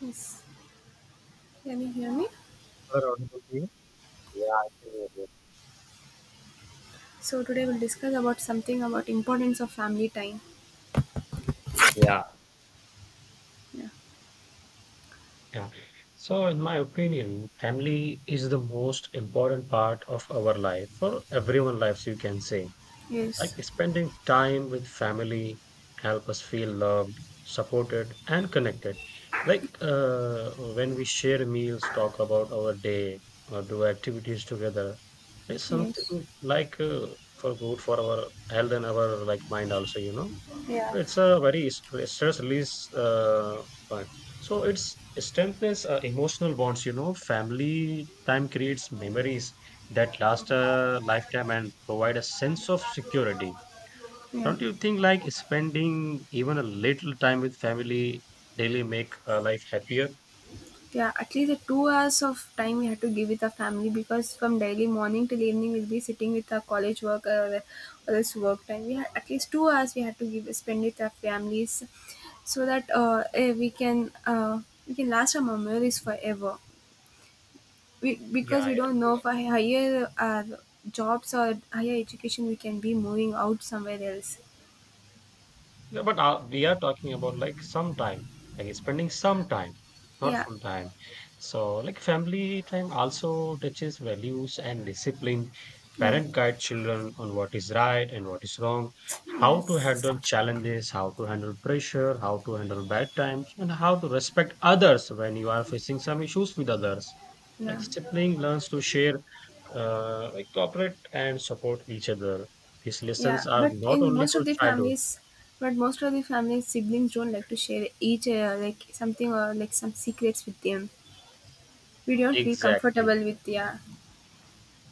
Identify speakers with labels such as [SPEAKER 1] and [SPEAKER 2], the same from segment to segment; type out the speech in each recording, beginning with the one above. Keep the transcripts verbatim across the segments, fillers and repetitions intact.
[SPEAKER 1] Yes, can you hear me?
[SPEAKER 2] Our audible to you? Yeah, I can hear you.
[SPEAKER 1] So today we'll discuss about something about importance of family time.
[SPEAKER 2] Yeah.
[SPEAKER 1] Yeah.
[SPEAKER 2] Yeah. So, in my opinion, family is the most important part of our life for everyone lives, you can say. Like
[SPEAKER 1] Yes.
[SPEAKER 2] spending time with family help us feel loved, supported, and connected. Like uh, when we share meals, talk about our day, or do activities together, it's
[SPEAKER 1] Yes.
[SPEAKER 2] something like uh, for good for our health and our like mind also, you know.
[SPEAKER 1] Yeah.
[SPEAKER 2] It's a very stress release uh, part. So it's strengthens uh, emotional bonds, you know. Family time creates memories that last a lifetime and provide a sense of security.
[SPEAKER 1] Yeah.
[SPEAKER 2] Don't you think like spending even a little time with family daily make uh, life happier?
[SPEAKER 1] Yeah. At least the two hours of time we have to give with the family, because from daily morning till evening we'll be sitting with our college work or, or this work time. We have at least two hours we have to give spend with our families, so that uh, eh, we can uh, we can last our memories forever. We, because
[SPEAKER 2] Yeah,
[SPEAKER 1] we don't
[SPEAKER 2] yeah.
[SPEAKER 1] know for higher uh, jobs or higher education we can be moving out somewhere else.
[SPEAKER 2] Yeah, but uh, we are talking about like some time, like spending some time, not
[SPEAKER 1] Yeah.
[SPEAKER 2] full time. So, like family time also touches values and discipline.
[SPEAKER 1] Yeah.
[SPEAKER 2] Parent guide children on what is right and what is wrong, how to
[SPEAKER 1] Yes.
[SPEAKER 2] handle challenges, how to handle pressure, how to handle bad times, and how to respect others when you are facing some issues with others. Like
[SPEAKER 1] Yeah.
[SPEAKER 2] sibling learns to share uh, like cooperate and support each other. These
[SPEAKER 1] Yeah,
[SPEAKER 2] lessons are
[SPEAKER 1] but in
[SPEAKER 2] not only
[SPEAKER 1] most
[SPEAKER 2] for
[SPEAKER 1] of the
[SPEAKER 2] childhood.
[SPEAKER 1] families, but most of the families siblings don't like to share each uh, like something or like some secrets with them. We don't feel
[SPEAKER 2] Exactly.
[SPEAKER 1] comfortable with. Yeah.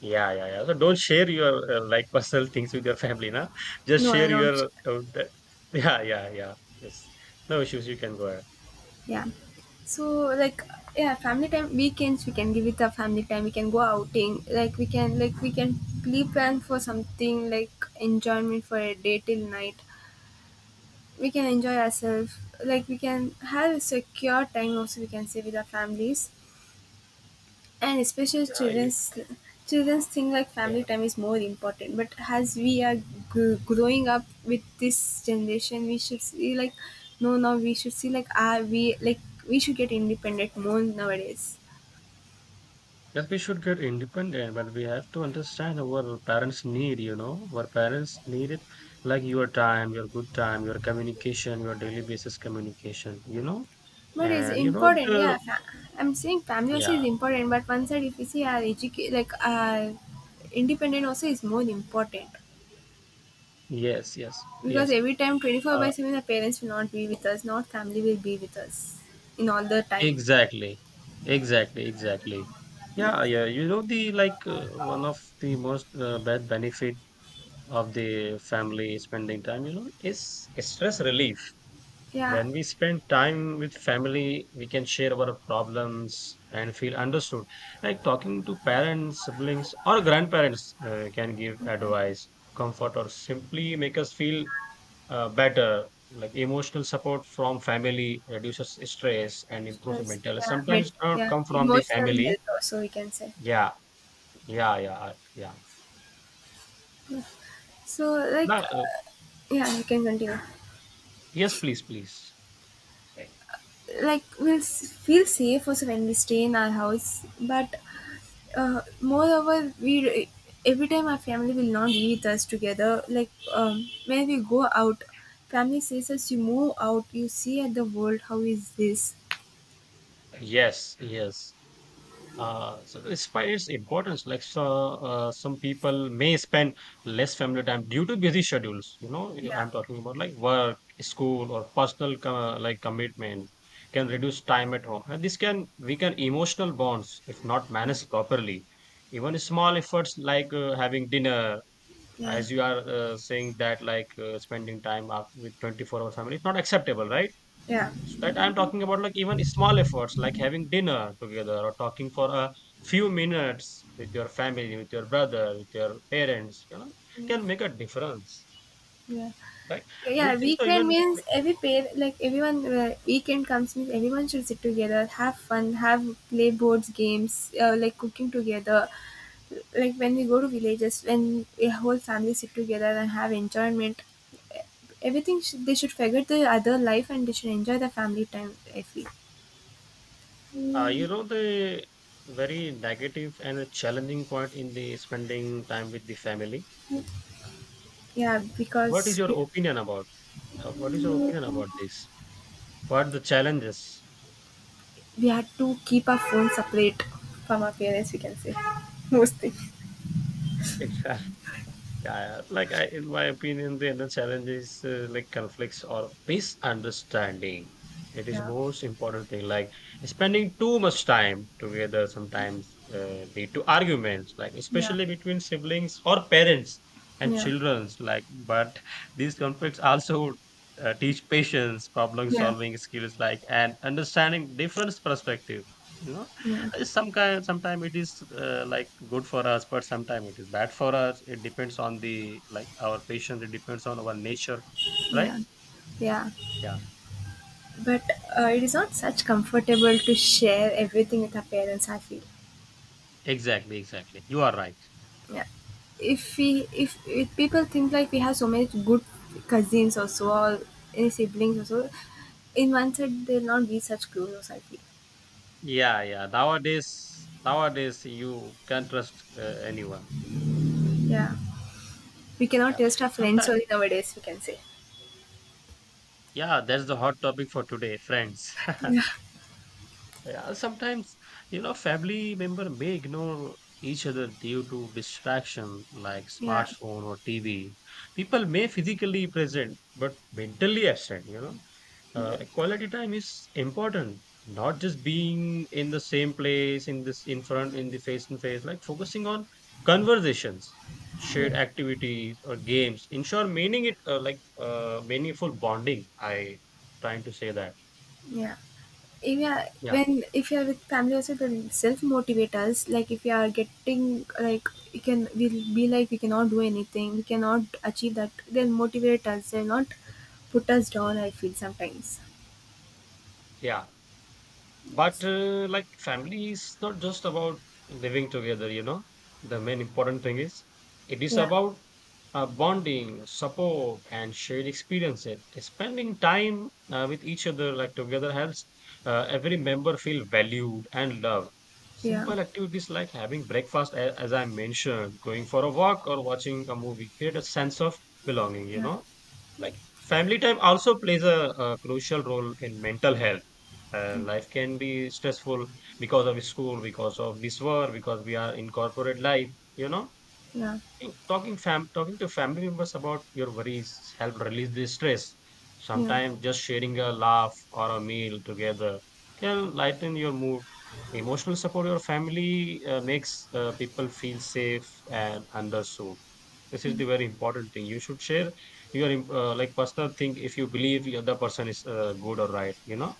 [SPEAKER 2] Yeah, yeah, yeah. So don't share your uh, like personal things with your family, na. Just
[SPEAKER 1] No
[SPEAKER 2] share your
[SPEAKER 1] alarms.
[SPEAKER 2] uh, the, yeah, yeah, yeah. Yes. No issues. You can go ahead.
[SPEAKER 1] Yeah. So like yeah, family time weekends we can give it a family time. We can go outing. Like we can like we can pre-plan for something like enjoyment for a day till night. We can enjoy ourselves. Like we can have a secure time also, we can say, with our families and especially
[SPEAKER 2] Yeah, you,
[SPEAKER 1] children's. Children's think like
[SPEAKER 2] yeah.
[SPEAKER 1] family time is more important, but as we are g- growing up with
[SPEAKER 2] we-
[SPEAKER 1] this generation we should see like no now we should see like are we like we should get independent more nowadays.
[SPEAKER 2] Yes, we should get independent, but we have to understand our parents' need. You know, our parents need it, like your time, your good time, your communication, your daily basis communication. You know,
[SPEAKER 1] But it's
[SPEAKER 2] and you know
[SPEAKER 1] important, yeah,
[SPEAKER 2] the
[SPEAKER 1] fa- I'm saying family also
[SPEAKER 2] yeah,
[SPEAKER 1] is important, but one side if you see our educate like our independent also is more important,
[SPEAKER 2] yes, yes,
[SPEAKER 1] because
[SPEAKER 2] yes.
[SPEAKER 1] every time twenty-four
[SPEAKER 2] Uh,
[SPEAKER 1] by seven the parents will not be with us, not family will be with us in all the time.
[SPEAKER 2] Exactly. Exactly, exactly. Yeah,
[SPEAKER 1] Yes.
[SPEAKER 2] yeah. You know the like uh, one of the most uh, bad benefit of the family spending time, you know, is stress relief.
[SPEAKER 1] Yeah.
[SPEAKER 2] When we spend time with family, we can share our problems and feel understood. Like talking to parents, siblings, or grandparents uh, can give
[SPEAKER 1] Yeah,
[SPEAKER 2] advice, comfort, or simply make us feel uh, better. Like emotional support from family reduces stress and improves
[SPEAKER 1] stress,
[SPEAKER 2] mental.
[SPEAKER 1] yeah,
[SPEAKER 2] Sometimes
[SPEAKER 1] ment-
[SPEAKER 2] don't
[SPEAKER 1] yeah,
[SPEAKER 2] come from the
[SPEAKER 1] emotional
[SPEAKER 2] family.
[SPEAKER 1] health also we can say.
[SPEAKER 2] Yeah, yeah, yeah, yeah.
[SPEAKER 1] So
[SPEAKER 2] No,
[SPEAKER 1] like,
[SPEAKER 2] uh,
[SPEAKER 1] uh, yeah, you can continue.
[SPEAKER 2] yes, please, please. Eh,
[SPEAKER 1] Like we'll s- feel safe also when we stay in our house, but uh, moreover, we every time our family will not be with us together. Like um, when we go out, family says us, "You move out, you see at the world. How is this?"
[SPEAKER 2] Yes, yes. Uh, so despite its importance, like so, uh, some people may spend less family time due to busy schedules. You know, you-
[SPEAKER 1] Yeah,
[SPEAKER 2] I'm talking about like work, school, or personal co- like commitments can reduce time at home, and this can weaken emotional bonds if not
[SPEAKER 1] yeah,
[SPEAKER 2] managed properly. Even small efforts like uh, having dinner,
[SPEAKER 1] yeah,
[SPEAKER 2] as you are uh, saying that, like uh, spending time up with twenty-four hour family, it's not acceptable, right?
[SPEAKER 1] yeah,
[SPEAKER 2] So that I'm talking about like even small efforts like having dinner together or talking for a few minutes with your family, with your brother, with your parents, you know, can make a difference,
[SPEAKER 1] yeah.
[SPEAKER 2] right? Do you
[SPEAKER 1] Yeah,
[SPEAKER 2] think so?
[SPEAKER 1] weekend
[SPEAKER 2] Even
[SPEAKER 1] means
[SPEAKER 2] like,
[SPEAKER 1] every pair like everyone, uh, weekend comes means everyone should sit together, have fun, have play boards games, uh, like cooking together, like when we go to villages, when a whole family sit together and have enjoyment, everything sh- they should forget the other life and they should enjoy the family time, I feel.
[SPEAKER 2] uh, you
[SPEAKER 1] Mm,
[SPEAKER 2] know the very negative and a challenging point in the spending time with the family.
[SPEAKER 1] yeah,
[SPEAKER 2] What is
[SPEAKER 1] because
[SPEAKER 2] your
[SPEAKER 1] we
[SPEAKER 2] opinion about? Uh, what is your opinion about this? What are the challenges?
[SPEAKER 1] we had to keep our phone separate from our parents, we can say. Most things.
[SPEAKER 2] Yeah, like I, in my opinion, the other challenge is uh, like conflicts or misunderstanding. It is
[SPEAKER 1] Yeah.
[SPEAKER 2] most important thing. Like spending too much time together sometimes uh, lead to arguments, like
[SPEAKER 1] Yeah.
[SPEAKER 2] especially between siblings or parents and
[SPEAKER 1] Yeah.
[SPEAKER 2] childrens. Like, but these conflicts also uh, teach patience, problem
[SPEAKER 1] Yeah.
[SPEAKER 2] solving skills, like and understanding different perspective. You
[SPEAKER 1] Yeah.
[SPEAKER 2] uh, some kind sometime it is uh, like good for us but sometime it is bad for us, it depends on the like our patience, it depends on our nature, right,
[SPEAKER 1] Yeah, yeah.
[SPEAKER 2] yeah.
[SPEAKER 1] But uh, it is not such comfortable to share everything with our parents, I feel.
[SPEAKER 2] Exactly, exactly. You are right.
[SPEAKER 1] Yeah, if we if, if people think like we have so many good cousins also or any siblings also, in one side they'll not be such close also, I feel.
[SPEAKER 2] Yeah, yeah. Nowadays, nowadays you can't trust uh, anyone.
[SPEAKER 1] Yeah, we cannot
[SPEAKER 2] Yeah,
[SPEAKER 1] trust our friends
[SPEAKER 2] sometimes.
[SPEAKER 1] only nowadays, we can say.
[SPEAKER 2] Yeah, that's the hot topic for today, friends.
[SPEAKER 1] Yeah,
[SPEAKER 2] Yeah, sometimes, you know, family member may ignore each other due to distraction like
[SPEAKER 1] yeah,
[SPEAKER 2] smartphone or T V. People may physically present but mentally absent, you know.
[SPEAKER 1] yeah.
[SPEAKER 2] Uh, quality time is important, not just being in the same place, in this in front, in the face to face, like focusing on conversations, shared
[SPEAKER 1] Yeah.
[SPEAKER 2] activities or games. In short, meaning it uh, like uh, meaningful bonding. I trying to say that.
[SPEAKER 1] Yeah. If you are,
[SPEAKER 2] Yeah,
[SPEAKER 1] when if you are with family also they'll self motivate us, like if you are getting like you can we'll be like we cannot do anything we cannot achieve that, they'll motivate us, they'll not put us down I feel sometimes.
[SPEAKER 2] yeah. But
[SPEAKER 1] Yes.
[SPEAKER 2] uh, like family is not just about living together, you know. The main important thing is it is
[SPEAKER 1] Yeah.
[SPEAKER 2] about uh, bonding, support, and shared experiences. Spending time uh, with each other, like together, helps uh, every member feel valued and loved.
[SPEAKER 1] Yeah.
[SPEAKER 2] Simple activities like having breakfast, a- as I mentioned, going for a walk, or watching a movie create a sense of belonging, you
[SPEAKER 1] Yeah.
[SPEAKER 2] know. Like family time also plays a, a crucial role in mental health. Uh, life can be stressful because of school, because of this work, because we are in corporate life. You know,
[SPEAKER 1] Yeah.
[SPEAKER 2] You- talking fam talking to family members about your worries help release the stress.
[SPEAKER 1] Yeah.
[SPEAKER 2] Sometimes just sharing a laugh or a meal together can lighten your mood. Emotional support your family uh, makes uh, people feel safe and understood, this is
[SPEAKER 1] Yeah.
[SPEAKER 2] the very important thing you should share your uh, like personal thing if you believe the other person is uh, good or right, you know.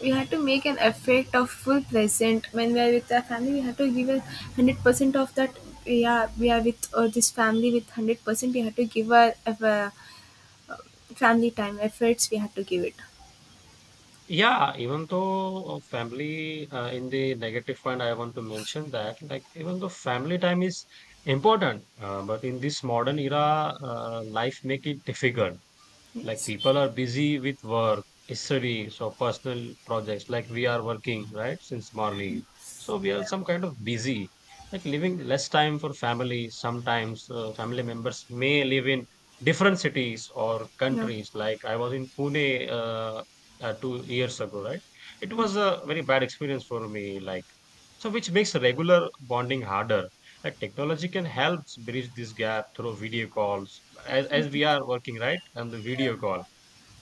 [SPEAKER 1] We have to make an effort of full present when we are with our family, we have to give a one hundred percent of that. Yeah, we are with uh, this family with one hundred percent, we have to give our, our family time efforts we had to give it.
[SPEAKER 2] Yeah, even though uh, family uh, in the negative point I want to mention that, like even though family time is important, uh, but in this modern era uh, life make it difficult. Like people
[SPEAKER 1] Yes.
[SPEAKER 2] are busy with work, studies, or personal projects. Like we are working, right, since morning. So we are
[SPEAKER 1] Yeah.
[SPEAKER 2] some kind of busy, like leaving less time for family. Sometimes uh, family members may live in different cities or
[SPEAKER 1] No.
[SPEAKER 2] countries. Like I was in Pune uh, uh, two years ago, right? It
[SPEAKER 1] Mm.
[SPEAKER 2] was a very bad experience for me. Like so, which makes regular bonding harder. Like technology can help bridge this gap through video calls, as, as we are working right on the video call.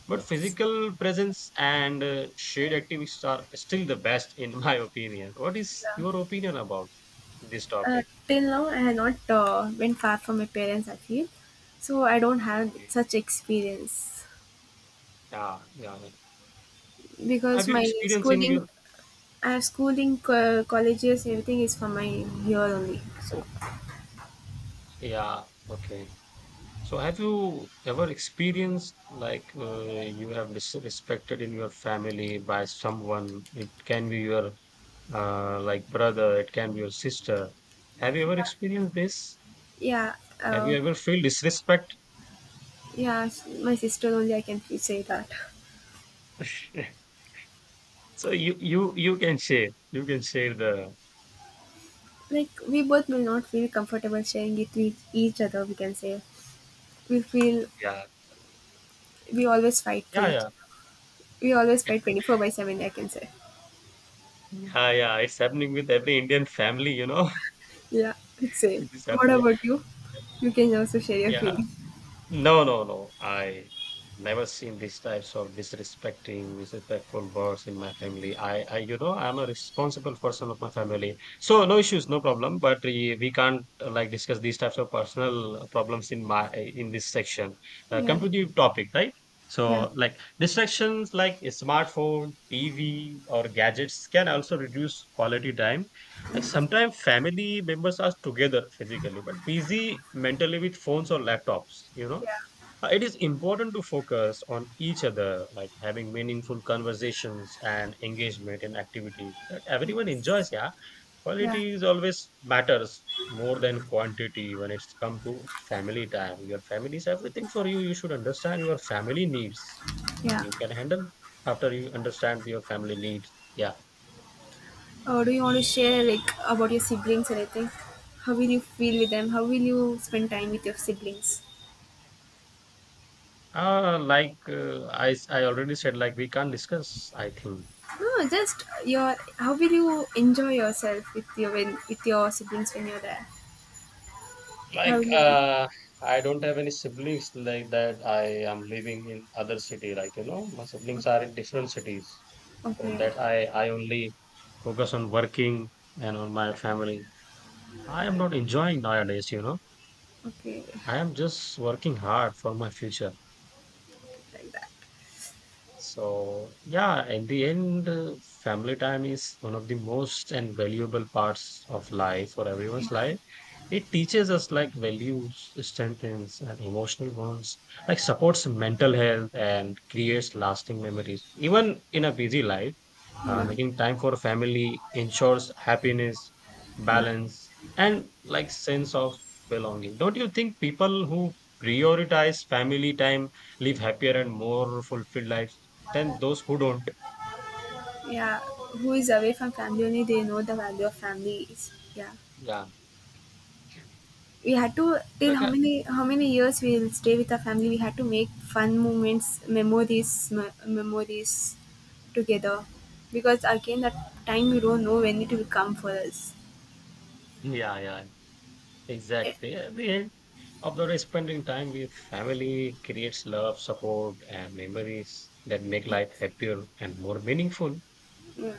[SPEAKER 2] But
[SPEAKER 1] Yes.
[SPEAKER 2] physical presence and uh, shared activities are still the best, in my opinion. What is
[SPEAKER 1] Yeah.
[SPEAKER 2] your opinion about this
[SPEAKER 1] Uh,
[SPEAKER 2] topic?
[SPEAKER 1] till now, I have not uh, been far from my parents, I feel so. I don't have such experience
[SPEAKER 2] Yeah, yeah, yeah. Have
[SPEAKER 1] because
[SPEAKER 2] you
[SPEAKER 1] my
[SPEAKER 2] experienced in
[SPEAKER 1] schooling,
[SPEAKER 2] your?
[SPEAKER 1] I have schooling, co- colleges, everything is from my here only. So
[SPEAKER 2] Yeah, okay. So, have you ever experienced like uh, you have disrespected in your family by someone? It can be your uh, like brother, it can be your sister. Have you ever experienced this?
[SPEAKER 1] yeah,
[SPEAKER 2] Have you
[SPEAKER 1] uh,
[SPEAKER 2] ever feel disrespect?
[SPEAKER 1] yeah, s- my sister only, I can f- say that.
[SPEAKER 2] So you you you can share. You can share the
[SPEAKER 1] Like we both will not feel comfortable sharing it with each other, we can say. We feel
[SPEAKER 2] yeah,
[SPEAKER 1] we always fight for
[SPEAKER 2] yeah,
[SPEAKER 1] each,
[SPEAKER 2] yeah,
[SPEAKER 1] we always fight twenty-four by seven, I can say.
[SPEAKER 2] yeah, yeah. It's happening with every Indian family, you know.
[SPEAKER 1] Yeah, it's
[SPEAKER 2] It
[SPEAKER 1] same.
[SPEAKER 2] is
[SPEAKER 1] What
[SPEAKER 2] happening.
[SPEAKER 1] about you? You can also share your
[SPEAKER 2] Yeah,
[SPEAKER 1] feeling.
[SPEAKER 2] no, no, no. I never seen these types of disrespecting, disrespectful words in my family. I, I, you know, I'm a responsible person of my family. So no issues, no problem. But we, we can't uh, like discuss these types of personal problems in my in this section. Uh,
[SPEAKER 1] Yeah.
[SPEAKER 2] completely topic, right?
[SPEAKER 1] Yeah.
[SPEAKER 2] So like distractions like a smartphone, T V, or gadgets can also reduce quality time. Like sometimes family members are together physically, but busy mentally with phones or laptops. You know,
[SPEAKER 1] Yeah.
[SPEAKER 2] uh, it is important to focus on each other, like having meaningful conversations and engagement in activities that everyone
[SPEAKER 1] Yes.
[SPEAKER 2] enjoys. Yeah,
[SPEAKER 1] Yeah.
[SPEAKER 2] quality is always matters more than quantity when it's come to family time. Your family is everything for you. You should understand your family needs.
[SPEAKER 1] Yeah.
[SPEAKER 2] You can handle after you understand your family needs. Yeah.
[SPEAKER 1] Uh, do you want to share like about your siblings or anything? How will you feel with them? How will you spend time with your siblings?
[SPEAKER 2] Uh, like uh, I, s- I already said, like we can't discuss, I think.
[SPEAKER 1] No, just your how will you enjoy yourself with your when with your siblings when you're there? How will
[SPEAKER 2] Like,
[SPEAKER 1] you?
[SPEAKER 2] uh, I don't have any siblings like that. I am living in other city. Like, you know, my siblings are in different cities. So
[SPEAKER 1] Okay,
[SPEAKER 2] that I, I only focus on working and on my family. I am
[SPEAKER 1] okay,
[SPEAKER 2] not enjoying nowadays, you know.
[SPEAKER 1] okay,
[SPEAKER 2] I am just working hard for my future.
[SPEAKER 1] like that.
[SPEAKER 2] So, yeah, in the end, uh, family time is one of the most and valuable parts of life for everyone's life. It teaches us like values, strengthens, and emotional bonds, like supports mental health and creates lasting memories. Even in a busy life, uh,
[SPEAKER 1] Yeah,
[SPEAKER 2] making time for family ensures happiness,
[SPEAKER 1] yeah.
[SPEAKER 2] balance, and like sense of belonging. Don't you think people who prioritize family time live happier and more fulfilled lives than those who don't?
[SPEAKER 1] Yeah, who is away from family only they know the value of family is, yeah,
[SPEAKER 2] Yeah.
[SPEAKER 1] we had to, till
[SPEAKER 2] Like,
[SPEAKER 1] how
[SPEAKER 2] uh,
[SPEAKER 1] many how many years we will stay with our family, we had to make fun moments, memories, me- memories together, because again that time we don't know when it will come for us.
[SPEAKER 2] yeah, yeah,
[SPEAKER 1] Eh,
[SPEAKER 2] exactly. At the end, after spending time with family creates love, support, and memories that make life happier and more meaningful.
[SPEAKER 1] yeah.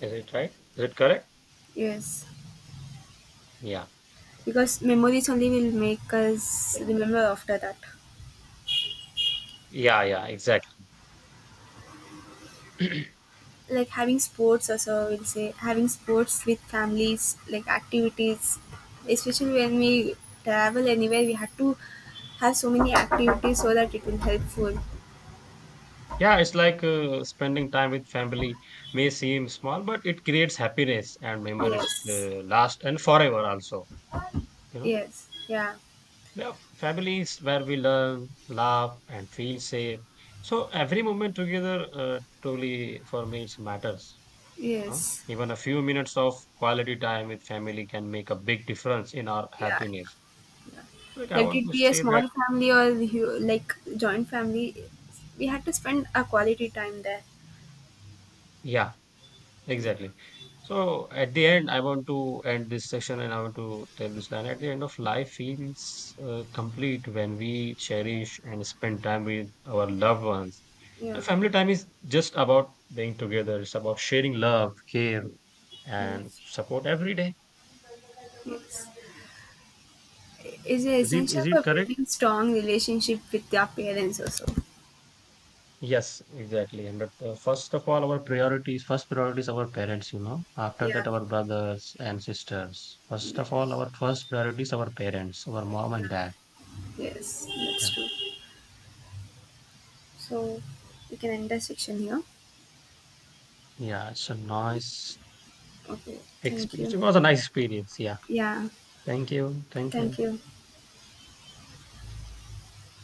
[SPEAKER 2] Is it right? Is it correct?
[SPEAKER 1] Yes,
[SPEAKER 2] Yeah.
[SPEAKER 1] because memories only will make us remember after that.
[SPEAKER 2] Yeah, yeah, exactly. Yeah,
[SPEAKER 1] Like having sports also, we'll say, having sports with families, like activities, especially when we travel anywhere we had to have so many activities so that it will helpful.
[SPEAKER 2] it's like uh, spending time with family may seem small, but it creates happiness and memories
[SPEAKER 1] Yes.
[SPEAKER 2] uh, last and forever also, you know.
[SPEAKER 1] Yes. Yeah.
[SPEAKER 2] Yeah, families where we learn, laugh, and feel safe. So every moment together uh, truly for me it matters. Huh?
[SPEAKER 1] Yes.
[SPEAKER 2] Even a few minutes of quality time with family can make a big difference in our
[SPEAKER 1] Yeah.
[SPEAKER 2] happiness. Like I
[SPEAKER 1] Let
[SPEAKER 2] want
[SPEAKER 1] it
[SPEAKER 2] to
[SPEAKER 1] be a
[SPEAKER 2] say that,
[SPEAKER 1] small family or hu- like joint family, we had to spend a quality time there.
[SPEAKER 2] yeah, exactly. So at the end, I want to end this session and I want to tell this line. At the end of life feels uh, complete when we cherish and spend time with our loved ones.
[SPEAKER 1] Yeah.
[SPEAKER 2] And family time is just about being together. It's about sharing love, care, and
[SPEAKER 1] Yes,
[SPEAKER 2] support every day.
[SPEAKER 1] yes. It's
[SPEAKER 2] Is it
[SPEAKER 1] essential
[SPEAKER 2] is it
[SPEAKER 1] for
[SPEAKER 2] correct?
[SPEAKER 1] building strong relationship with your parents also.
[SPEAKER 2] Yes, exactly. And that, uh, first of all, our priorities, first priority is our parents, you know. After
[SPEAKER 1] Yeah.
[SPEAKER 2] that, our brothers and sisters. First of all,
[SPEAKER 1] Yes.
[SPEAKER 2] our first priority is our parents, our mom and dad.
[SPEAKER 1] Yes, that's
[SPEAKER 2] Yeah.
[SPEAKER 1] true. So we can end the section here.
[SPEAKER 2] Yeah. It's a nice
[SPEAKER 1] Okay, thank
[SPEAKER 2] experience. It
[SPEAKER 1] you.
[SPEAKER 2] was a nice experience. Yeah.
[SPEAKER 1] Yeah,
[SPEAKER 2] Thank you. Thank you.
[SPEAKER 1] thank you.